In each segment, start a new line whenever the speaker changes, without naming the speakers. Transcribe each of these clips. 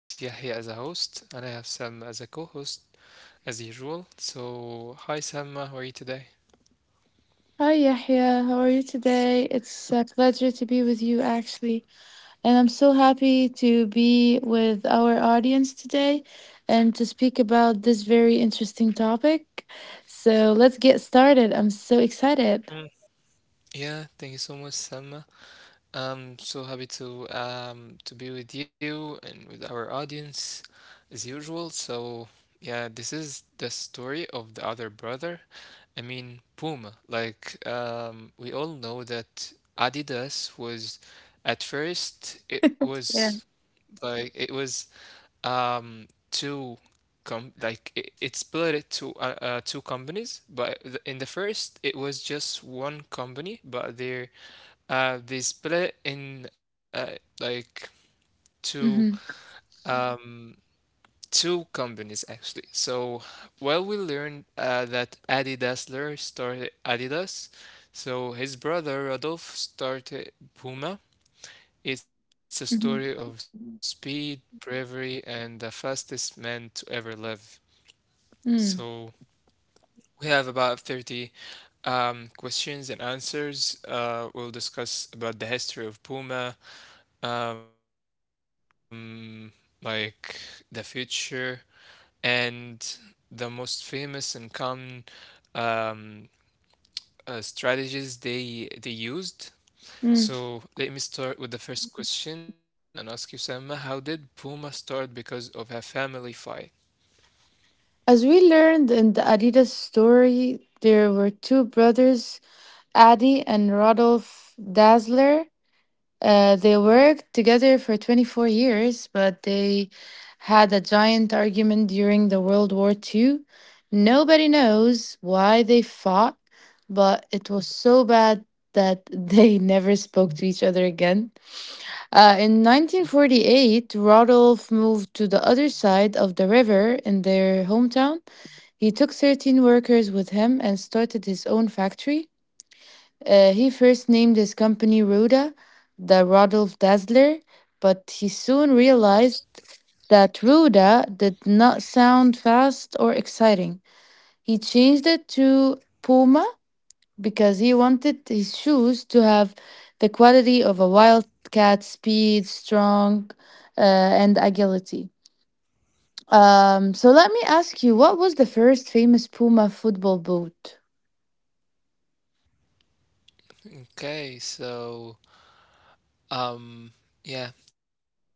This is Yahya as a host, and I have Sam as a co host as usual. So, hi Samma, how are you today?
Hi Yahya, how are you today? It's a pleasure to be with you actually, and I'm so happy to be with our audience today and to speak about this very interesting topic. So let's get started. I'm so excited.
Mm. Yeah, thank you so much, Samma. I'm so happy to be with you and with our audience as usual. So yeah, this is the story of the other brother. I mean Puma. Like we all know that Adidas was at first it was
Yeah.
Like it was two com like it split it to two companies, but in the first it was just one company, but they split in like two
Mm-hmm.
um two companies actually. So well we learned that Adi Dassler started Adidas, so his brother Rodolphe started Puma. It's a
Mm-hmm.
story of speed, bravery, and the fastest man to ever live.
Mm.
So we have about 30 questions and answers. We'll discuss about the history of Puma, um, like the future, and the most famous and common um, strategies they used.
Mm.
So let me start with the first question and ask you, Sama, how did Puma start because of a family fight?
As we learned in the Adidas story, there were two brothers, Adi and Rodolph Dazzler. They worked together for 24 years, but they had a giant argument during the World War Two. Nobody knows why they fought, but it was so bad that they never spoke to each other again. In 1948, Rodolphe moved to the other side of the river in their hometown. He took 13 workers with him and started his own factory. He first named his company Ruda, the Rodolph Dazzler, but he soon realized that Ruda did not sound fast or exciting. He changed it to Puma because he wanted his shoes to have the quality of a wildcat speed, strong, and agility. So let me ask you, what was the first famous Puma football boot?
Okay, um yeah, actually,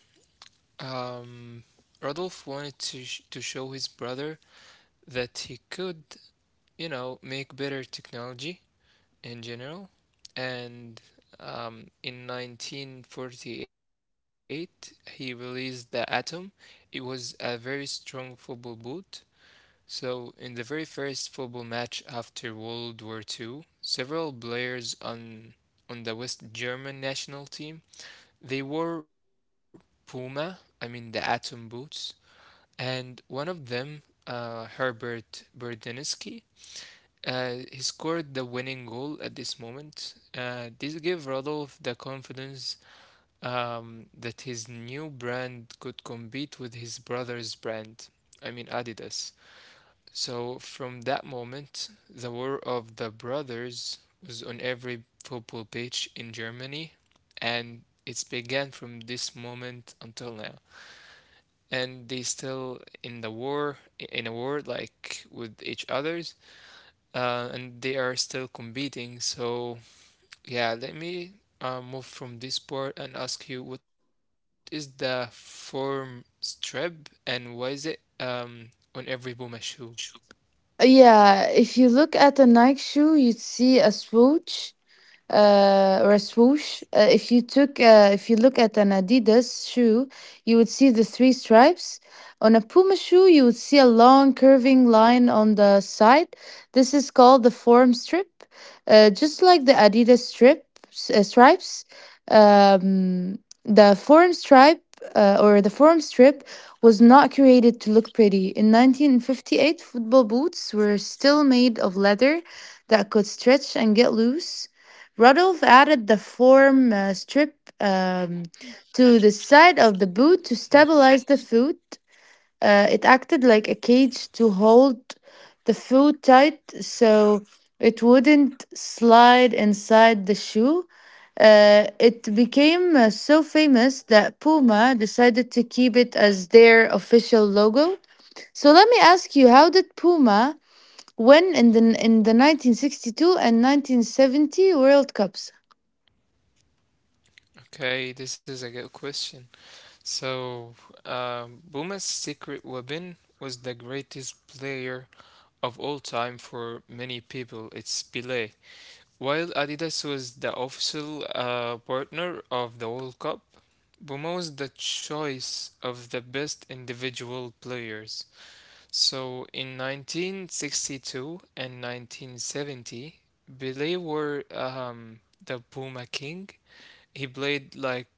um Rodolph wanted to sh to show his brother that he could, you know, make better technology in general. And um in 1948, he released the Atom. It was a very strong football boot. So, in the very first football match after World War Two, several players on the West German national team They wore Puma, I mean the Atom boots, and one of them, Herbert Berdinsky, he scored the winning goal at this moment. This gave Rodolphe the confidence that his new brand could compete with his brother's brand, I mean Adidas. So from that moment, the War of the Brothers was on every football pitch in Germany, and it began from this moment until now. And they still in the war, in a war like with each others, and they are still competing. So yeah, let me move from this part and ask you, what is the form streb and why is it on every Puma shoe?
Yeah, if you look at a Nike shoe, you'd see a swoosh. If you look at an Adidas shoe, you would see the three stripes. On a Puma shoe, you would see a long curving line on the side. This is called the form strip, just like the Adidas stripes. Um, the form strip was not created to look pretty. In 1958, football boots were still made of leather that could stretch and get loose. Rudolph added the form strip um, to the side of the
Hmm.
boot to stabilize the foot. It acted like a cage to hold the foot tight so it wouldn't slide inside the shoe. It became so famous that Puma decided to keep it as their official logo. So let me ask you, how did Puma win in the 1962 and 1970 World Cups?
Okay, this is a good question. So, Buma's secret weapon was the greatest player of all time for many people. It's Pelé. While Adidas was the official partner of the World Cup, Buma was the choice of the best individual players. So, in 1962 and 1970, Pelé were the Puma King. He played like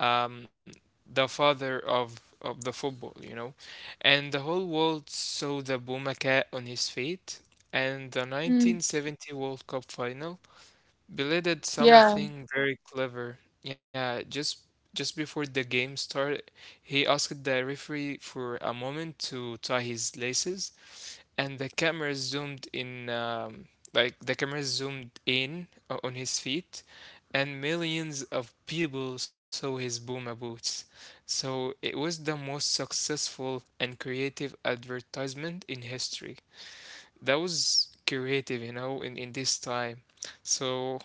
um, the father of the football, you know. And the whole world saw the Boumaca on his feet. And
Mm.
the 1970 World Cup final, Pelé did
Yeah.
something very clever. Yeah, just before the game started, he asked the referee for a moment to tie his laces, and the camera zoomed in like the camera zoomed in on his feet, and millions of people saw his Puma boots. So it was the most successful and creative advertisement in history, that was creative you know in this time. So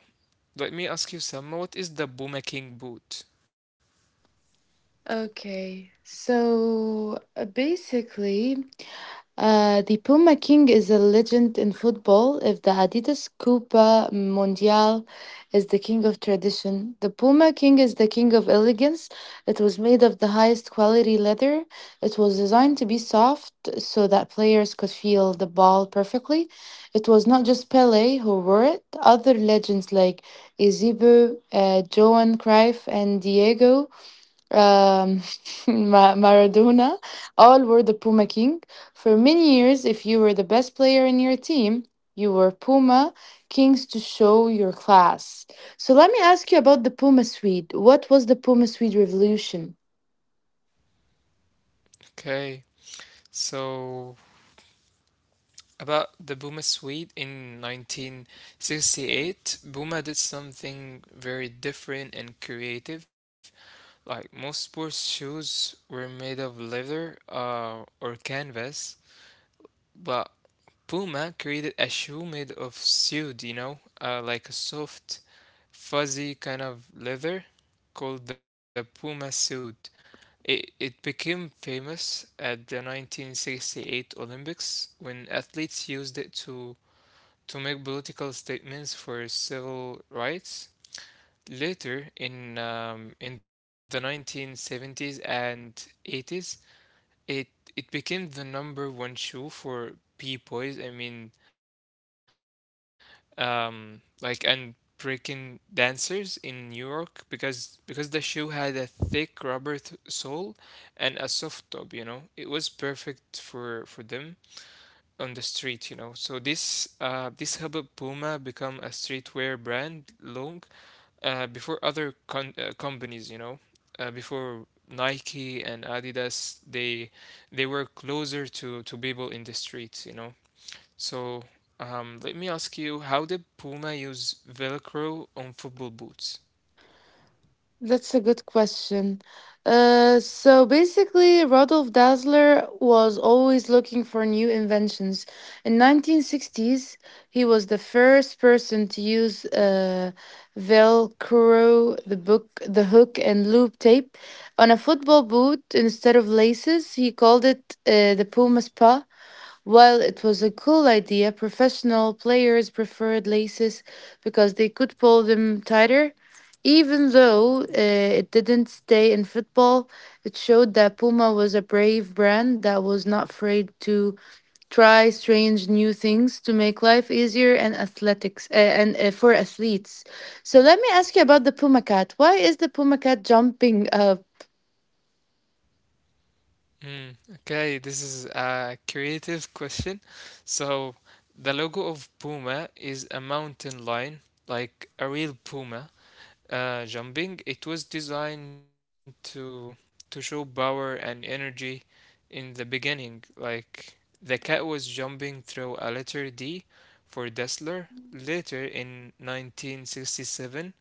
let me ask you, Selma, what is the Puma King boot?
Okay. So basically, the Puma King is a legend in football. If the Adidas Copa Mundial is the king of tradition, the Puma King is the king of elegance. It was made of the highest quality leather. It was designed to be soft so that players could feel the ball perfectly. It was not just Pele who wore it. Other legends like Eusebio, Johan Cruyff, and Diego um, Maradona, all were the Puma King. For many years, if you were the best player in your team, you were Puma Kings to show your class. So let me ask you about the Puma Swede. What was the Puma Swede revolution?
Okay, so about the Buma Suite in 1968, Buma did something very different and creative. Like most sports shoes were made of leather or canvas, but Puma created a shoe made of suede, you know, like a soft, fuzzy kind of leather called the Puma suit. It became famous at the 1968 Olympics when athletes used it to make political statements for civil rights. Later in the 1970s and 80s, it it became the number one shoe for b-boys. I mean, like and breaking dancers in New York because the shoe had a thick rubber sole and a soft top. You know, it was perfect for them on the street, you know. So this this helped Puma become a streetwear brand long before other companies, you know, before Nike and Adidas, they were closer to people in the street, you know. So let me ask you, how did Puma use Velcro on football boots?
That's a good question. So basically, Rodolf Dassler was always looking for new inventions. In 1960s, he was the first person to use Velcro, the book, the hook, and loop tape on a football boot instead of laces. He called it the Puma Spa. While it was a cool idea, professional players preferred laces because they could pull them tighter. Even though it didn't stay in football, it showed that Puma was a brave brand that was not afraid to try strange new things to make life easier and athletics and for athletes. So let me ask you about the Puma Cat. Why is the Puma Cat jumping up?
Mm, okay, this is a creative question. So, the logo of Puma is a mountain lion, like a real puma, jumping. It was designed to show power and energy in the beginning. Like the cat was jumping through a letter D for Dassler. Later in 1967,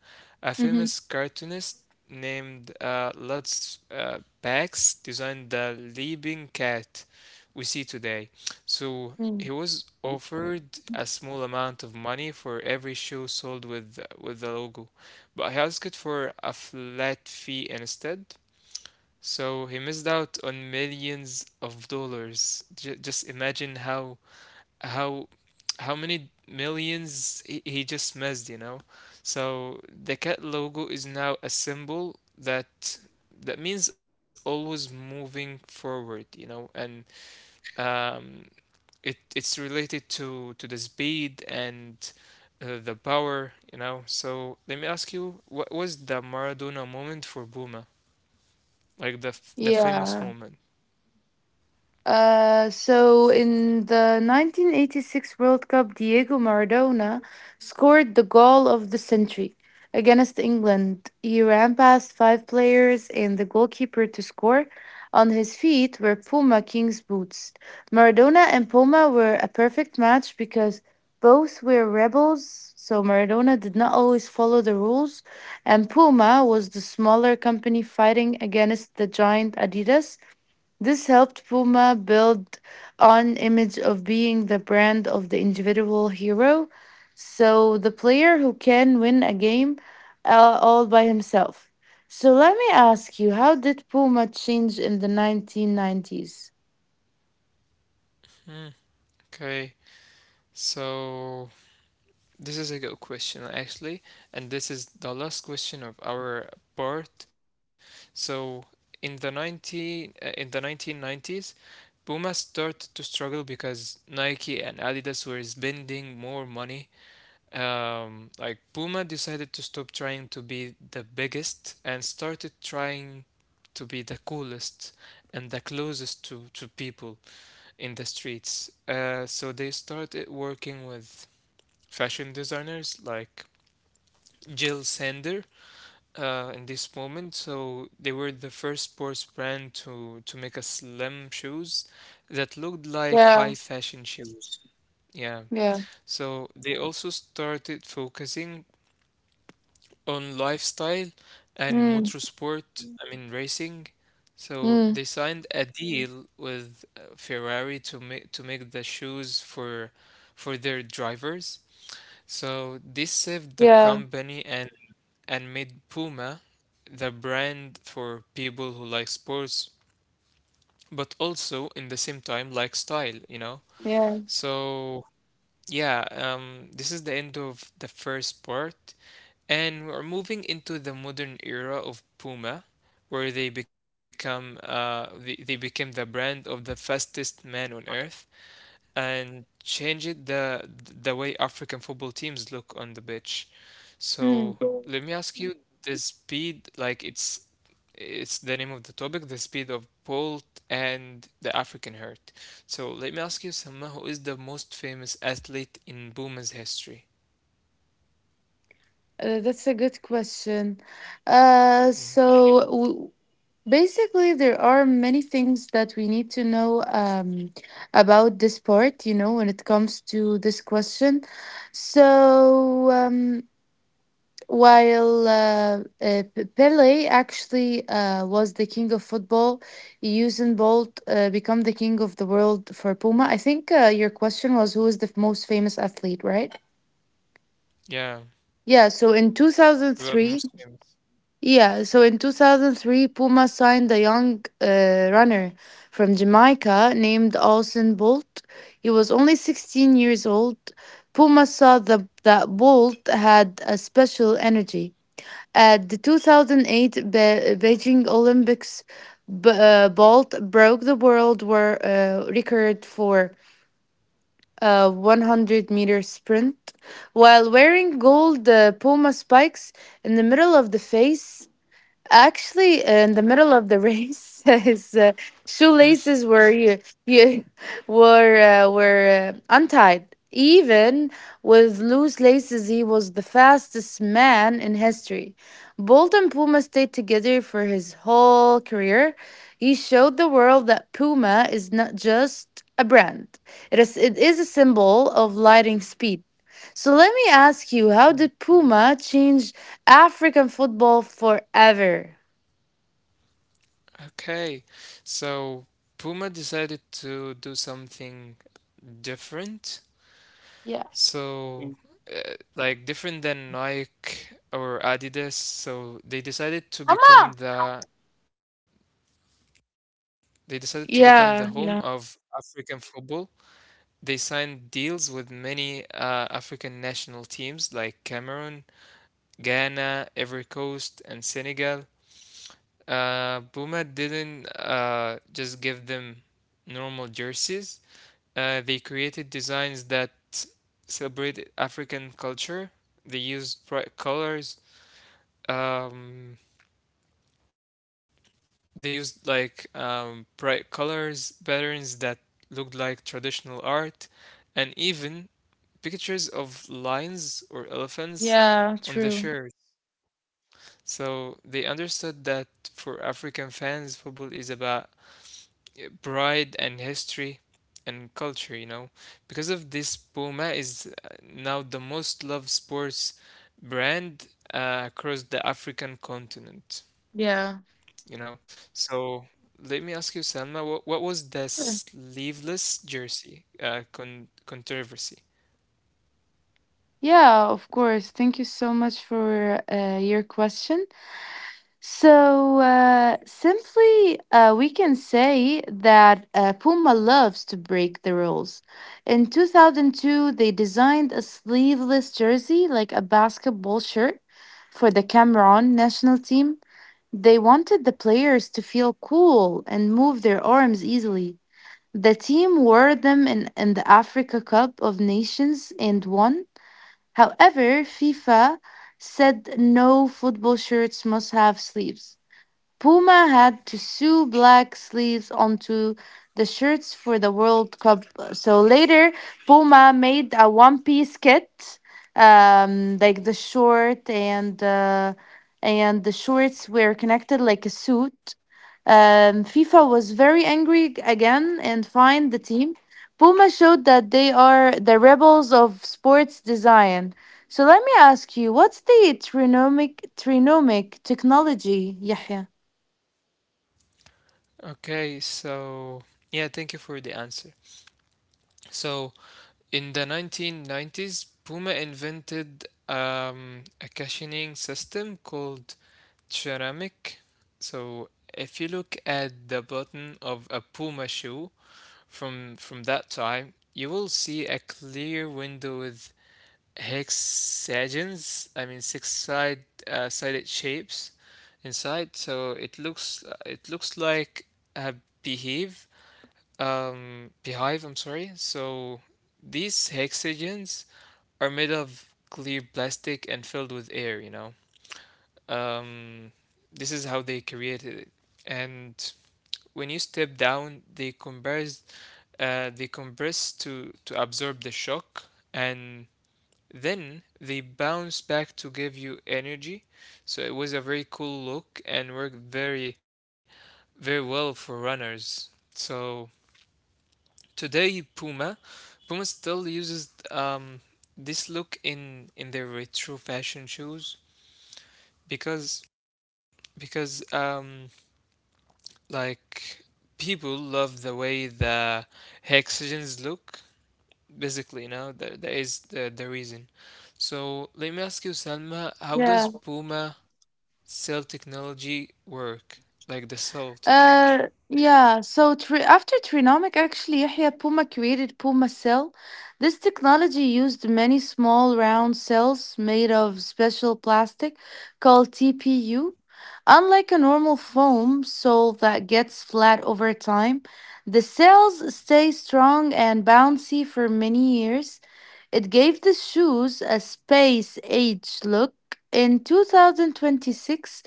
a famous cartoonist named Lutz Bax designed the leaping cat we see today. So he
Mm-hmm.
was offered a small amount of money for every shoe sold with the logo, but he asked for a flat fee instead. So he missed out on millions of dollars. Just imagine how how many millions he just missed, you know. So the cat logo is now a symbol that that means always moving forward, you know, and um, it it's related to the speed and the power, you know. So let me ask you, what was the Maradona moment for Buma, like the the famous
Yeah.
moment?
So in the 1986 World Cup, Diego Maradona scored the goal of the century against England. He ran past five players and the goalkeeper to score. On his feet were Puma King's boots. Maradona and Puma were a perfect match because both were rebels, so Maradona did not always follow the rules, and Puma was the smaller company fighting against the giant Adidas. This helped Puma build on image of being the brand of the individual hero, so the player who can win a game all by himself. So let me ask you, how did Puma change in the 1990s?
Okay, so this is a good question actually, and this is the last question of our part. So in the 19 uh, in the 1990s Puma started to struggle because Nike and Adidas were spending more money. Like Puma decided to stop trying to be the biggest and started trying to be the coolest and the closest to people in the streets. So they started working with fashion designers like Jill Sander in this moment. So they were the first sports brand to make a slim shoes that looked like
Yeah,
high fashion shoes. Yeah.
yeah.
So they also started focusing on lifestyle and
Mm,
motorsport, I mean racing. So
mm,
they signed a deal with Ferrari to make the shoes for their drivers. So this saved the
yeah,
company and made Puma the brand for people who like sports, but also in the same time like style, you know.
yeah.
So yeah, this is the end of the first part. And we're moving into the modern era of Puma, where they become they became the brand of the fastest man on earth and changed the way African football teams look on the pitch. So
Mm.
let me ask you, the speed, like it's the name of the topic, the speed of Bolt and the African hurt. So let me ask you, Sama, who is the most famous athlete in Puma's history?
That's a good question. Uh,
Mm.
so w- Basically, there are many things that we need to know about this part, you know, when it comes to this question. So, um, while Pele actually was the king of football, Usain Bolt become the king of the world for Puma. I think your question was who is the most famous athlete, right?
Yeah,
Yeah, so in
so they're the
2003,
most famous.
Yeah, so in 2003, Puma signed a young runner from Jamaica named Austin Bolt. He was only 16 years old. Puma that Bolt had a special energy. At the 2008 Beijing Olympics, Bolt broke the world record for a 100-meter sprint while wearing gold Puma spikes in the middle of the face, actually in the middle of the race, his shoelaces were you, you were untied. Even with loose laces, he was the fastest man in history. Bolt and Puma stayed together for his whole career. He showed the world that Puma is not just a brand, it is a symbol of lightning speed. So let me ask you, how did Puma change African football forever.
Okay, so Puma decided to do something different.
Yeah.
So, like different than Nike or Adidas. So they decided to
Come
become
on.
the they decided to become the home
Yeah, yeah.
of African football. They signed deals with many African national teams like Cameroon, Ghana, Ivory Coast, and Senegal. Puma didn't just give them normal jerseys. They created designs that celebrated African culture. They used bright colors. Um, they used like bright colors, patterns that looked like traditional art, and even pictures of lions or elephants
Yeah,
on the
true.
shirt. So they understood that for African fans, football is about pride and history and culture, you know. Because of this, Puma is now the most loved sports brand across the African continent,
Yeah.
you know. So let me ask you, Salma, what was the
Sure.
sleeveless jersey controversy?
Yeah. Of course. Thank you so much for your question. So, simply, we can say that Puma loves to break the rules. In 2002, they designed a sleeveless jersey, like a basketball shirt, for the Cameroon national team. They wanted the players to feel cool and move their arms easily. The team wore them in the Africa Cup of Nations and won. However, FIFA said no football shirts must have sleeves. Puma had to sew black sleeves onto the shirts for the World Cup. So later, Puma made a one piece kit, like the short and the shorts were connected like a suit. FIFA was very angry again and fined the team. Puma showed that they are the rebels of sports design. So let me ask you, what's the trinomic technology, Yahya?
Okay, so yeah, thank you for the answer. So in the 1990s, Puma invented a cushioning system called Ceramic. So if you look at the bottom of a Puma shoe from that time, you will see a clear window with hexagons, I mean six side sided shapes inside. So it looks like a beehive. Beehive. I'm sorry. So these hexagons are made of clear plastic and filled with air, you know. Um, this is how they created it. And when you step down, they compress to absorb the shock, and then they bounce back to give you energy. So it was a very cool look and worked very very well for runners. So today, Puma, Puma still uses this look in their retro fashion shoes because because like people love the way the hexagons look. Basically, you know that, that is the reason. So let me ask you, Salma, how does
Yeah.
Puma cell technology work? Like the cell technology.
After Trinomic, actually, Yahya, Puma created Puma cell. This technology used many small round cells made of special plastic called TPU. Unlike a normal foam sole that gets flat over time, the cells stay strong and bouncy for many years. It gave the shoes a space age look. In 2026,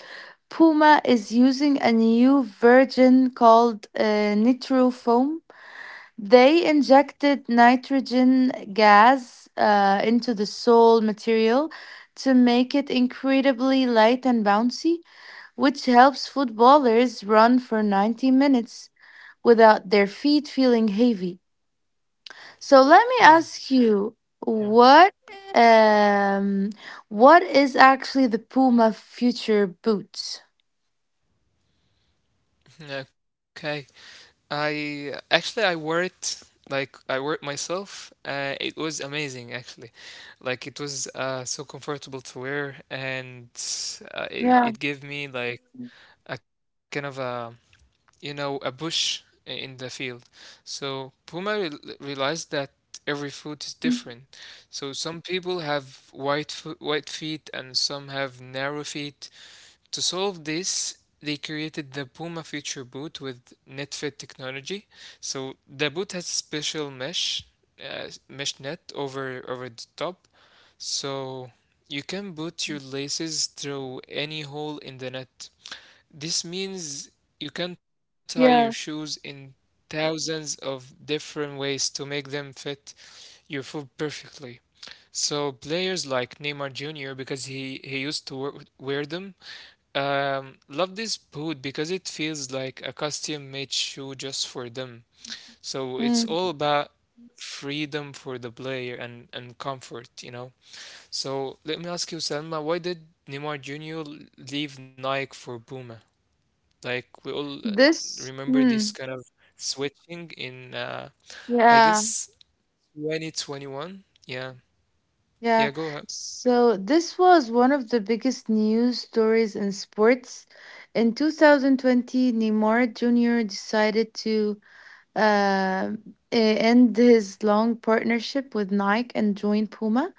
Puma is using a new version called Nitro Foam. They injected nitrogen gas into the sole material to make it incredibly light and bouncy, which helps footballers run for 90 minutes without their feet feeling heavy. So let me ask
Hmm.
you,
Yeah.
what um, what is actually the Puma future Boots?
Okay. I actually I wore it, like I wore it myself. It was amazing actually. Like it was so comfortable to wear, and
Yeah.
it gave me like a kind of a you know, a bush in the field. So Puma realized that every foot is different. So some people have white foot, white feet, and some have narrow feet. To solve this, they created the Puma Future Boot with NetFit technology. So the boot has special mesh, mesh net over the top. So you can boot your laces through any hole in the net. This means you can tie your shoes
Yeah.
in thousands of different ways to make them fit your foot perfectly. So players like Neymar Jr. because he used to wear them, love this boot because it feels like a custom made shoe just for them. So it's
Mm.
all about freedom for the player and comfort, you know. So let me ask you, Salma, why did Neymar Jr. leave Nike for Puma? Like we all
This,
Remember this kind
hmm,
of switching in, I
yeah,
guess, 2021. Yeah, yeah,
yeah.
go ahead.
So this was one of the biggest news stories in sports. In 2020, Neymar Jr. decided to uh, end his long partnership with Nike and join Puma.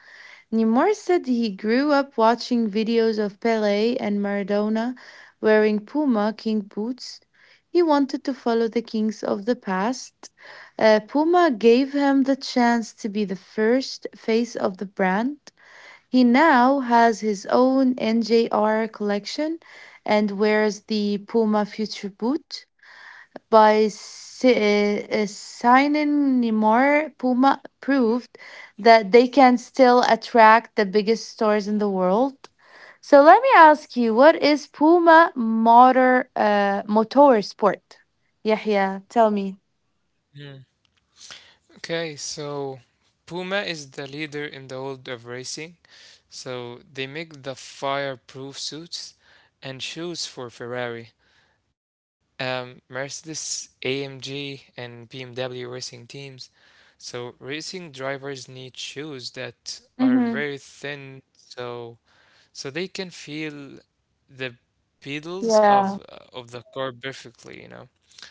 Neymar said he grew up watching videos of Pele and Maradona wearing Puma King boots. He wanted to follow the kings of the past. Puma gave him the chance to be the first face of the brand. He now has his own NJR collection and wears the Puma Future boot. By signing Neymar, Puma proved that they can still attract the biggest stars in the world. So let me ask you, what is Puma motor sport? Yahya, tell me.
Mm. Okay, so Puma is the leader in the world of racing. So they make the fireproof suits and shoes for Ferrari, Mercedes, AMG, and BMW racing teams. So racing drivers need shoes that are very thin, so so they can feel the pedals of the car perfectly, you know.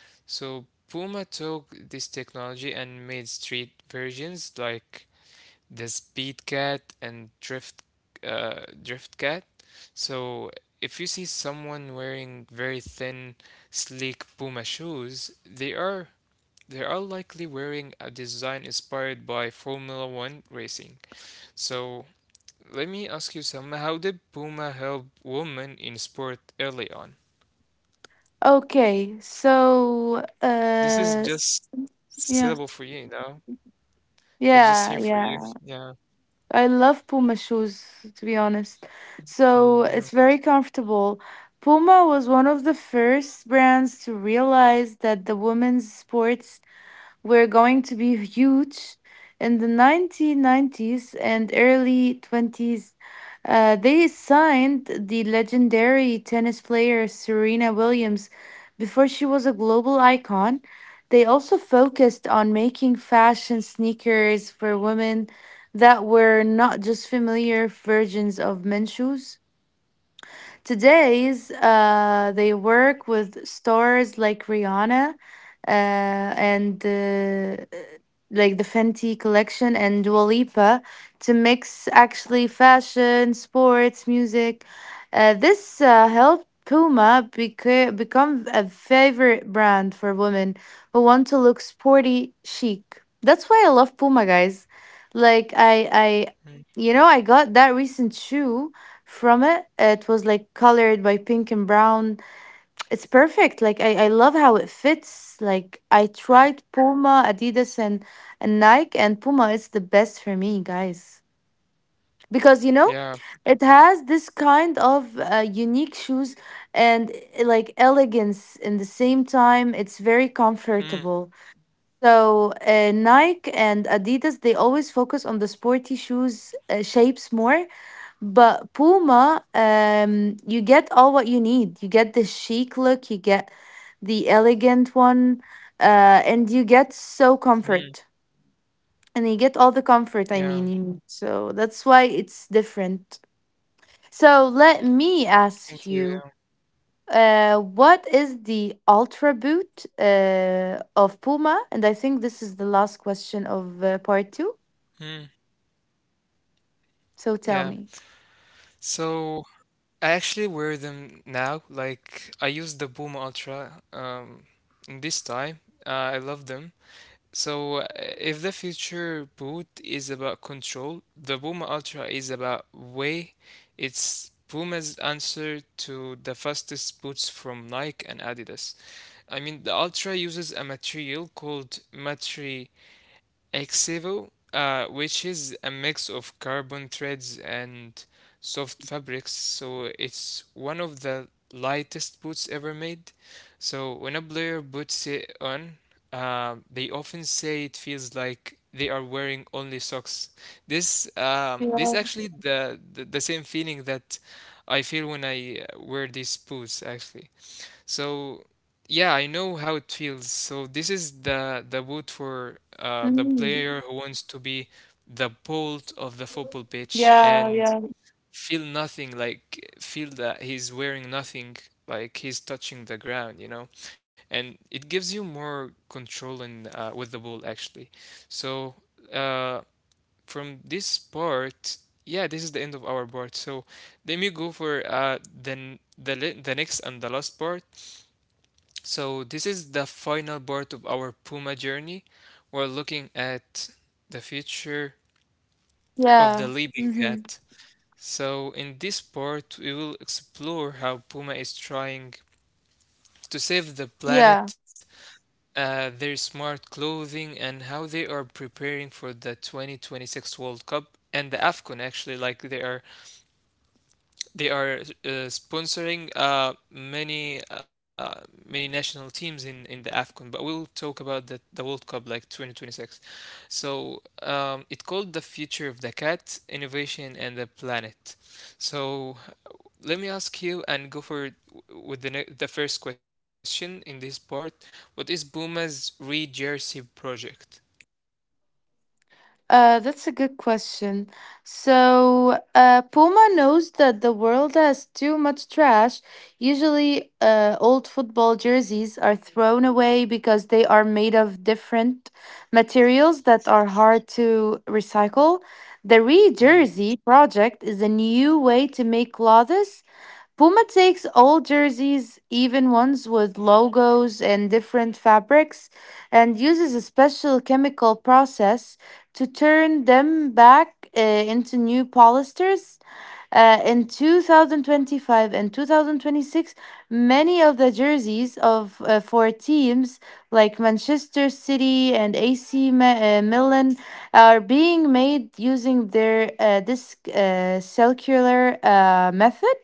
So Puma took this technology and made street versions like the Speed Cat and Drift Drift Cat. So if you see someone wearing very thin, sleek Puma shoes, they are likely wearing a design inspired by Formula One racing. So let me ask you some. How did Puma help women in sport early on?
Okay, so uh,
This is just
yeah,
syllable for you, you know?
yeah,
It's
yeah.
just here for you. Yeah.
I love Puma shoes, to be honest. So it's very
Hmm, yeah.
comfortable. Puma was one of the first brands to realize that the women's sports were going to be huge in the 1990s and early 20s. They signed the legendary tennis player Serena Williams before she was a global icon. They also focused on making fashion sneakers for women that were not just familiar versions of men's shoes. Today's, they work with stars like Rihanna and like the Fenty collection and Dua Lipa to mix actually fashion, sports, music. This helped Puma become a favorite brand for women who want to look sporty chic. That's why I love Puma, guys. Like you know, I got that recent shoe from it. It was like colored by pink and brown. It's perfect. Like I love how it fits. Like I tried Puma, Adidas and Nike, and Puma is the best for me, guys. Because you know,
Yeah.
it has this kind of unique shoes and like elegance in the same time. It's
Hmm.
very comfortable. So Nike and Adidas they always focus on the sporty shoes shapes more, but Puma, you get all what you need. You get the chic look, you get the elegant one, and you get
Hmm.
so comfort. And you get all
Yeah.
the comfort, you need. So that's why it's different. So let me
Thank you.
ask
Yeah.
you, what is the ultra boot of Puma? And I think this is the last question
Hmm.
of part two.
Yeah.
So tell me.
So I actually wear them now. Like I use the Puma Ultra in this time. I love them. So, if the future boot is about control, the Puma Ultra is about way. It's Puma's answer to the fastest boots from Nike and Adidas. I mean, the Ultra uses a material called Matri Exevo, which is a mix of carbon threads and soft fabrics, so it's one of the lightest boots ever made. So when a player puts it on, they often say it feels like they are wearing only socks. This actually
Yeah.
the, the same feeling that I feel when I wear these boots actually. So yeah, I know how it feels. So this is the boot for the
Mhm.
player who wants to be the bolt of the football pitch
Yeah,
and
yeah.
feel nothing, like feel that he's wearing nothing, like he's touching the ground, you know. And it gives you more control in with the ball actually. So uh, from this part, yeah, this is the end of our part. So. Then we go for then the the next and the last part, so, this is the final part of our Puma journey. We're looking at the future of
Yeah.
the living
Mm-hmm.
cat. So, in this part, we will explore how Puma is trying to save the
Yeah.
planet, their smart clothing, and how they are preparing for the 2026 World Cup and the AFCON, actually. Like, they are They are sponsoring many many national teams in the AFCON, but we'll talk about the World Cup like 2026. So it called the future of the cat, innovation, and the planet. So let me ask you and go for with the the first question in this part. What is Puma's re-jersey project?
That's a good question. Puma knows that the world has too much trash. Usually, old football jerseys are thrown away because they are made of different materials that are hard to recycle. The Re
Hmm.
Jersey project is a new way to make clothes. Puma takes old jerseys, even ones with logos and different fabrics, and uses a special chemical process to turn them back into new polyesters. In 2025 and 2026, many of the jerseys of for teams like Manchester City and AC Milan are being made using their this circular method.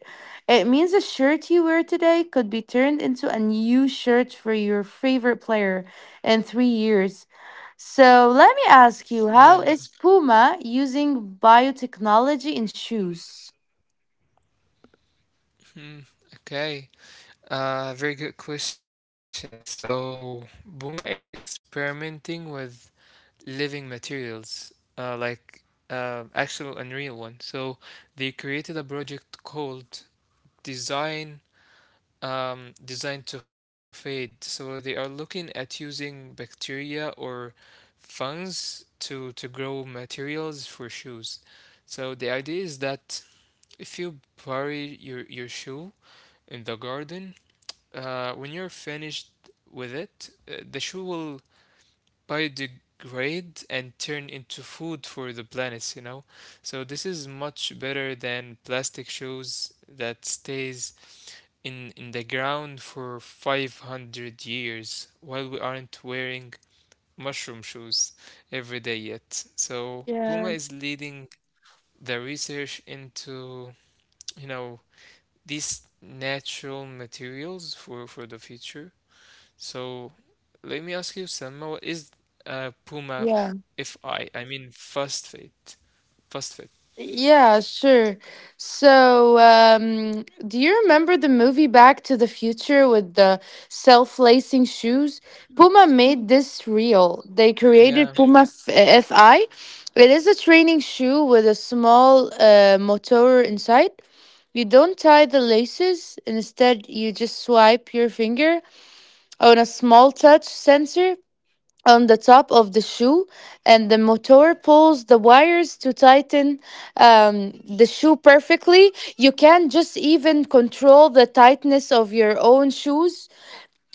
It means a shirt you wear today could be turned into a new shirt for your favorite player in 3 years. So let me ask you,
Yeah.
how is Puma using biotechnology in shoes?
Hmm. Okay. Very good question. So Buma is experimenting with living materials, uh, like actual and real one. So they created a project called Design Design to Fade. So they are looking at using bacteria or fungus to grow materials for shoes. So the idea is that if you bury your shoe in the garden, when you're finished with it, the shoe will biodegrade and turn into food for the planets, you know? So this is much better than plastic shoes that stays in the ground for 500 years while we aren't wearing mushroom shoes every day yet. So
Yeah.
Puma is leading the research into, you know, these natural materials for the future so let me ask you, Selma, what is Puma
Yeah.
FI? I mean, first fit. First fit.
Yeah, sure. Do you remember the movie Back to the Future with the self-lacing shoes? Puma made this real.
Mm,
They
yeah.
created Puma FI. It is a training shoe with a small motor inside. You don't tie the laces. Instead, you just swipe your finger on a small touch sensor on the top of the shoe, and the motor pulls the wires to tighten the shoe perfectly. You can just even control the tightness of your own shoes,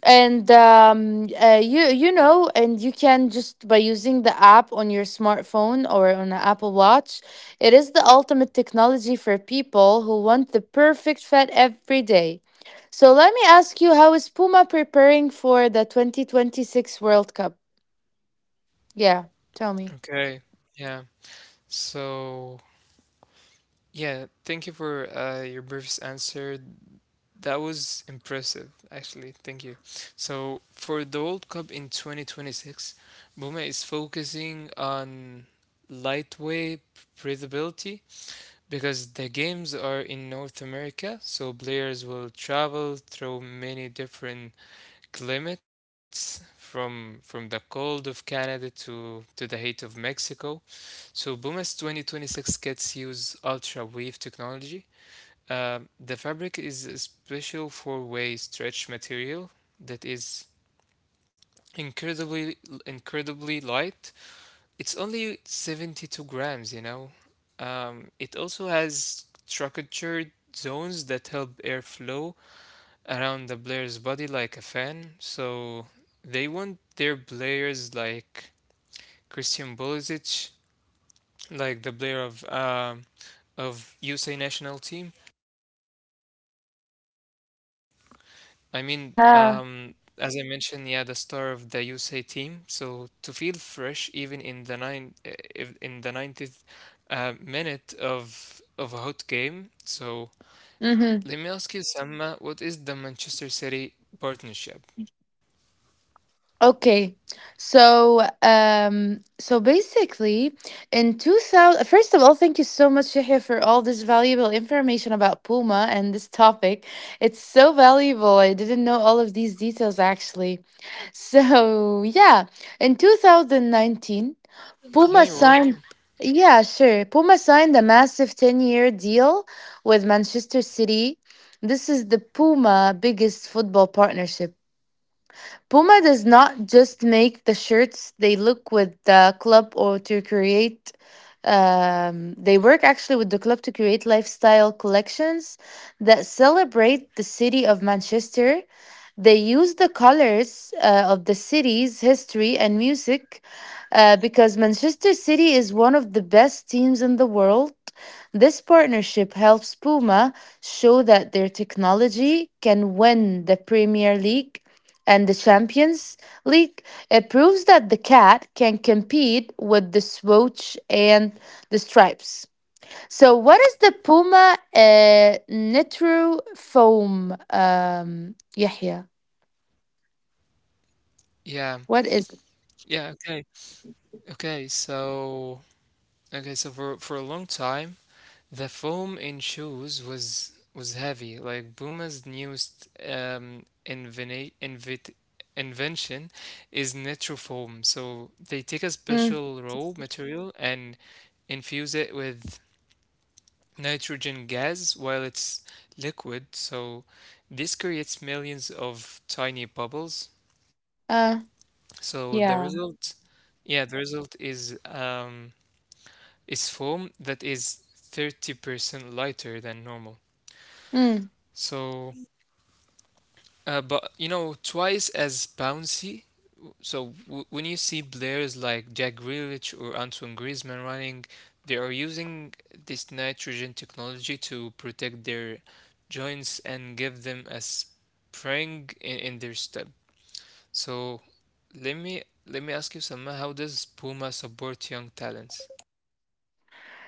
and and you can just by using the app on your smartphone or on an Apple Watch. It is the ultimate technology for people who want the perfect fit every day. So let me ask you, how is Puma preparing for the 2026 World Cup? Yeah, tell me.
Okay. Yeah. So, yeah, thank you for your brief answer. That was impressive, actually. Thank you. So, for the World Cup in 2026, Puma is focusing on lightweight breathability because the games are in North America, so players will travel through many different climates from the cold of Canada to the heat of Mexico. So Buma's 2026 kits use ultra weave technology. The fabric is a special four-way stretch material that is incredibly incredibly light, it's only 72 grams, you know. It also has structured zones that help air flow around the player's body like a fan. So they want their players like Christian Pulisic, like the player of USA national team, I mean,
Yeah.
as I mentioned, yeah, the star of the USA team. So to feel fresh, even in the if in the ninetieth minute of a hot game. So
Mm-hmm.
let me ask you, Selma, what is the Manchester City partnership?
Okay. So basically, in 2000, first of all, thank you so much, Shahia, for all this valuable information about Puma and this topic. It's so valuable. I didn't know all of these details actually. So, yeah, in 2019,
Yeah, you're
Puma
welcome.
signed, yeah, sure. Puma signed a massive 10-year deal with Manchester City. This is the Puma biggest football partnership. Puma does not just make the shirts, they look with the club or to create. They work actually with the club to create lifestyle collections that celebrate the city of Manchester. They use the colors of the city's history and music because Manchester City is one of the best teams in the world. This partnership helps Puma show that their technology can win the Premier League and the Champions League. It proves that the cat can compete with the swoosh and the stripes. So, what is the Puma Nitro Foam, Yahya?
Yeah,
What is
yeah. Okay, okay. So okay, so for a long time. The foam in shoes was heavy, like Puma's newest invention is nitrofoam. So they take a
Mm,
special raw material and infuse it with nitrogen gas while it's liquid. So this creates millions of tiny bubbles.
uh,
So
yeah.
the result is foam that is 30% lighter than normal.
Mm.
So, but you know, twice as bouncy. So when you see players like Jack Grealish or Antoine Griezmann running, they are using this nitrogen technology to protect their joints and give them a spring in their step. So let me ask you, Salma, how does Puma support young talents?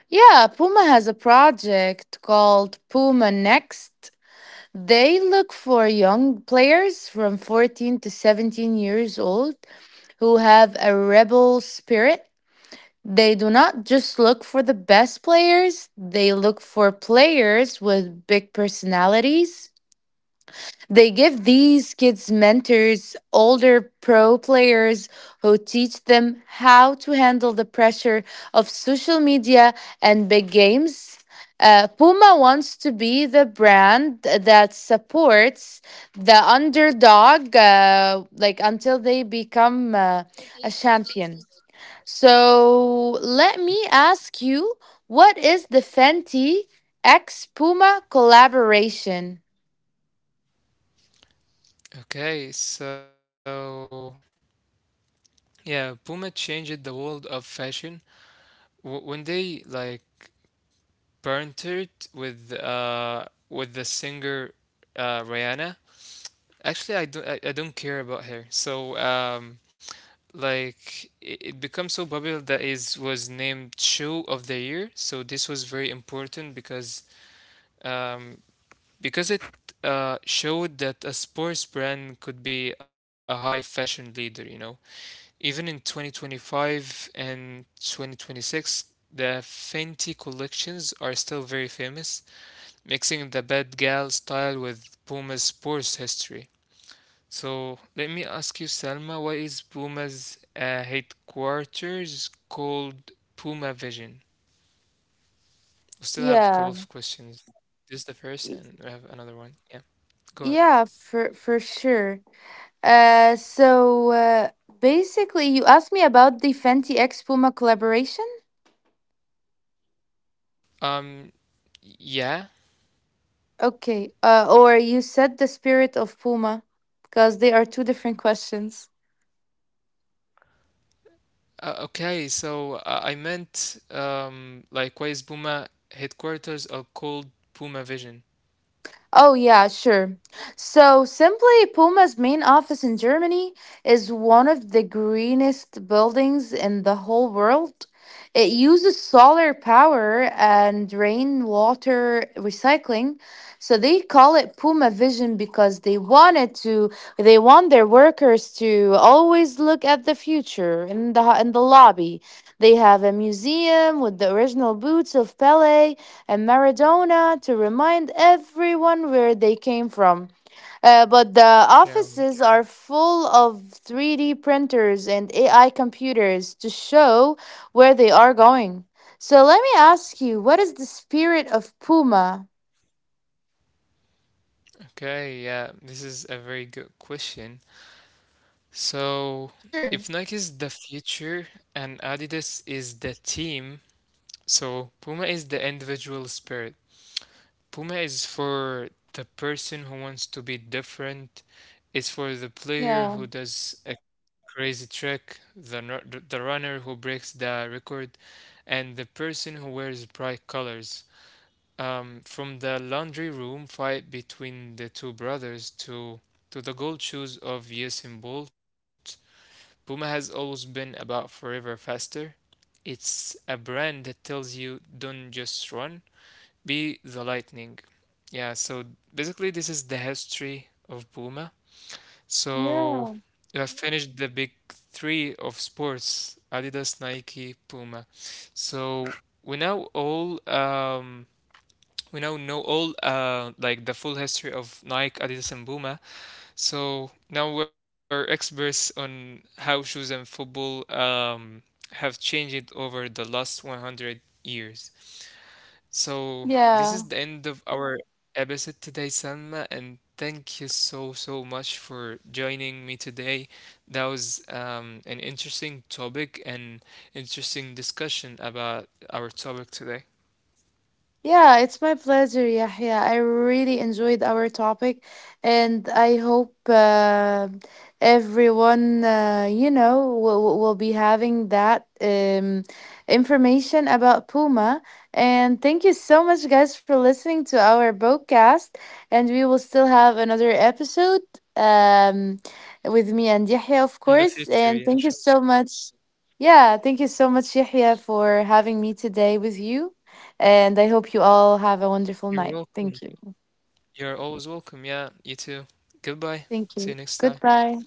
Yeah, Puma has a project called Puma Next. They look for young players from 14 to 17 years old who have a rebel spirit. They do not just look for the best players, they look for players with big personalities. They give these kids mentors, older pro players who teach them how to handle the pressure of social media and big games. Puma wants to be the brand that supports the underdog, like until they become a champion. So let me ask you, what is the Fenty X Puma collaboration?
Okay, so yeah, Puma changed the world of fashion when they like Parenthood with the singer Rihanna. Actually, I don't care about her. So like it becomes so popular that is was named show of the year. So this was very important because um it showed that a sports brand could be a high fashion leader, you know. Even in 2025 and 2026, the Fenty collections are still very famous mixing the bad gal style with Puma's sports history. So let me ask you, Selma, why is Puma's headquarters called Puma Vision? We still have a couple
Yeah.
of questions. This is the first, and we have another one. Yeah, go ahead.
Yeah, for sure. Uh, so uh, Basically, you asked me about the Fenty X Puma collaboration.
Um, yeah.
Okay. Or you said the spirit of Puma, because they are two different questions.
Okay, so I meant like why is Puma headquarters are called Puma Vision?
Oh, yeah, sure. Simply, Puma's main office in Germany is one of the greenest buildings in the whole world. It uses solar power and rainwater recycling. So they call it Puma Vision because they want their workers to always look at the future in the lobby. They have a museum with the original boots of Pele and Maradona to remind everyone where they came from. But the
Yeah.
offices are full of 3D printers and AI computers to show where they are going. So let me ask you, what is the spirit of Puma?
Okay, yeah, this is a very good question.
Sure.
So, if Nike is the future and Adidas is the team, so Puma is the individual spirit. Puma is for the person who wants to be different. It's for the
Yeah.
player who does a crazy trick, the the runner who breaks the record, and the person who wears bright colors. From the laundry room fight between the two brothers to the gold shoes of Usain Bolt Puma has always been about forever faster. It's a brand that tells you don't just run, be the lightning. Yeah, so basically, this is the history of Puma. So
Yeah.
you have finished the big three of sports Adidas, Nike, Puma. So we now all um, we now know all like the full history of Nike, Adidas, and Puma. So now we're experts on how shoes and football have changed over the last 100 years. So this is the
Yeah.
end of our episode today, Salma, and thank you so so much for joining me today. That was an interesting topic and interesting discussion about our topic today.
Yeah, it's my pleasure, Yahya. I really enjoyed our topic, and I hope everyone will be having that information about Puma. And thank you so much, guys, for listening to our podcast. And we will still have another episode um, with me and Yahya, of
In the
course.
future,
And
yeah,
thank you
sure.
so much. Yeah, thank you so much, Yahya, for having me today with you. And I hope you all have a wonderful
You're
night. Thank
welcome.
you.
You're always welcome. Yeah, you too. Goodbye.
Thank you.
See you next time.
Goodbye.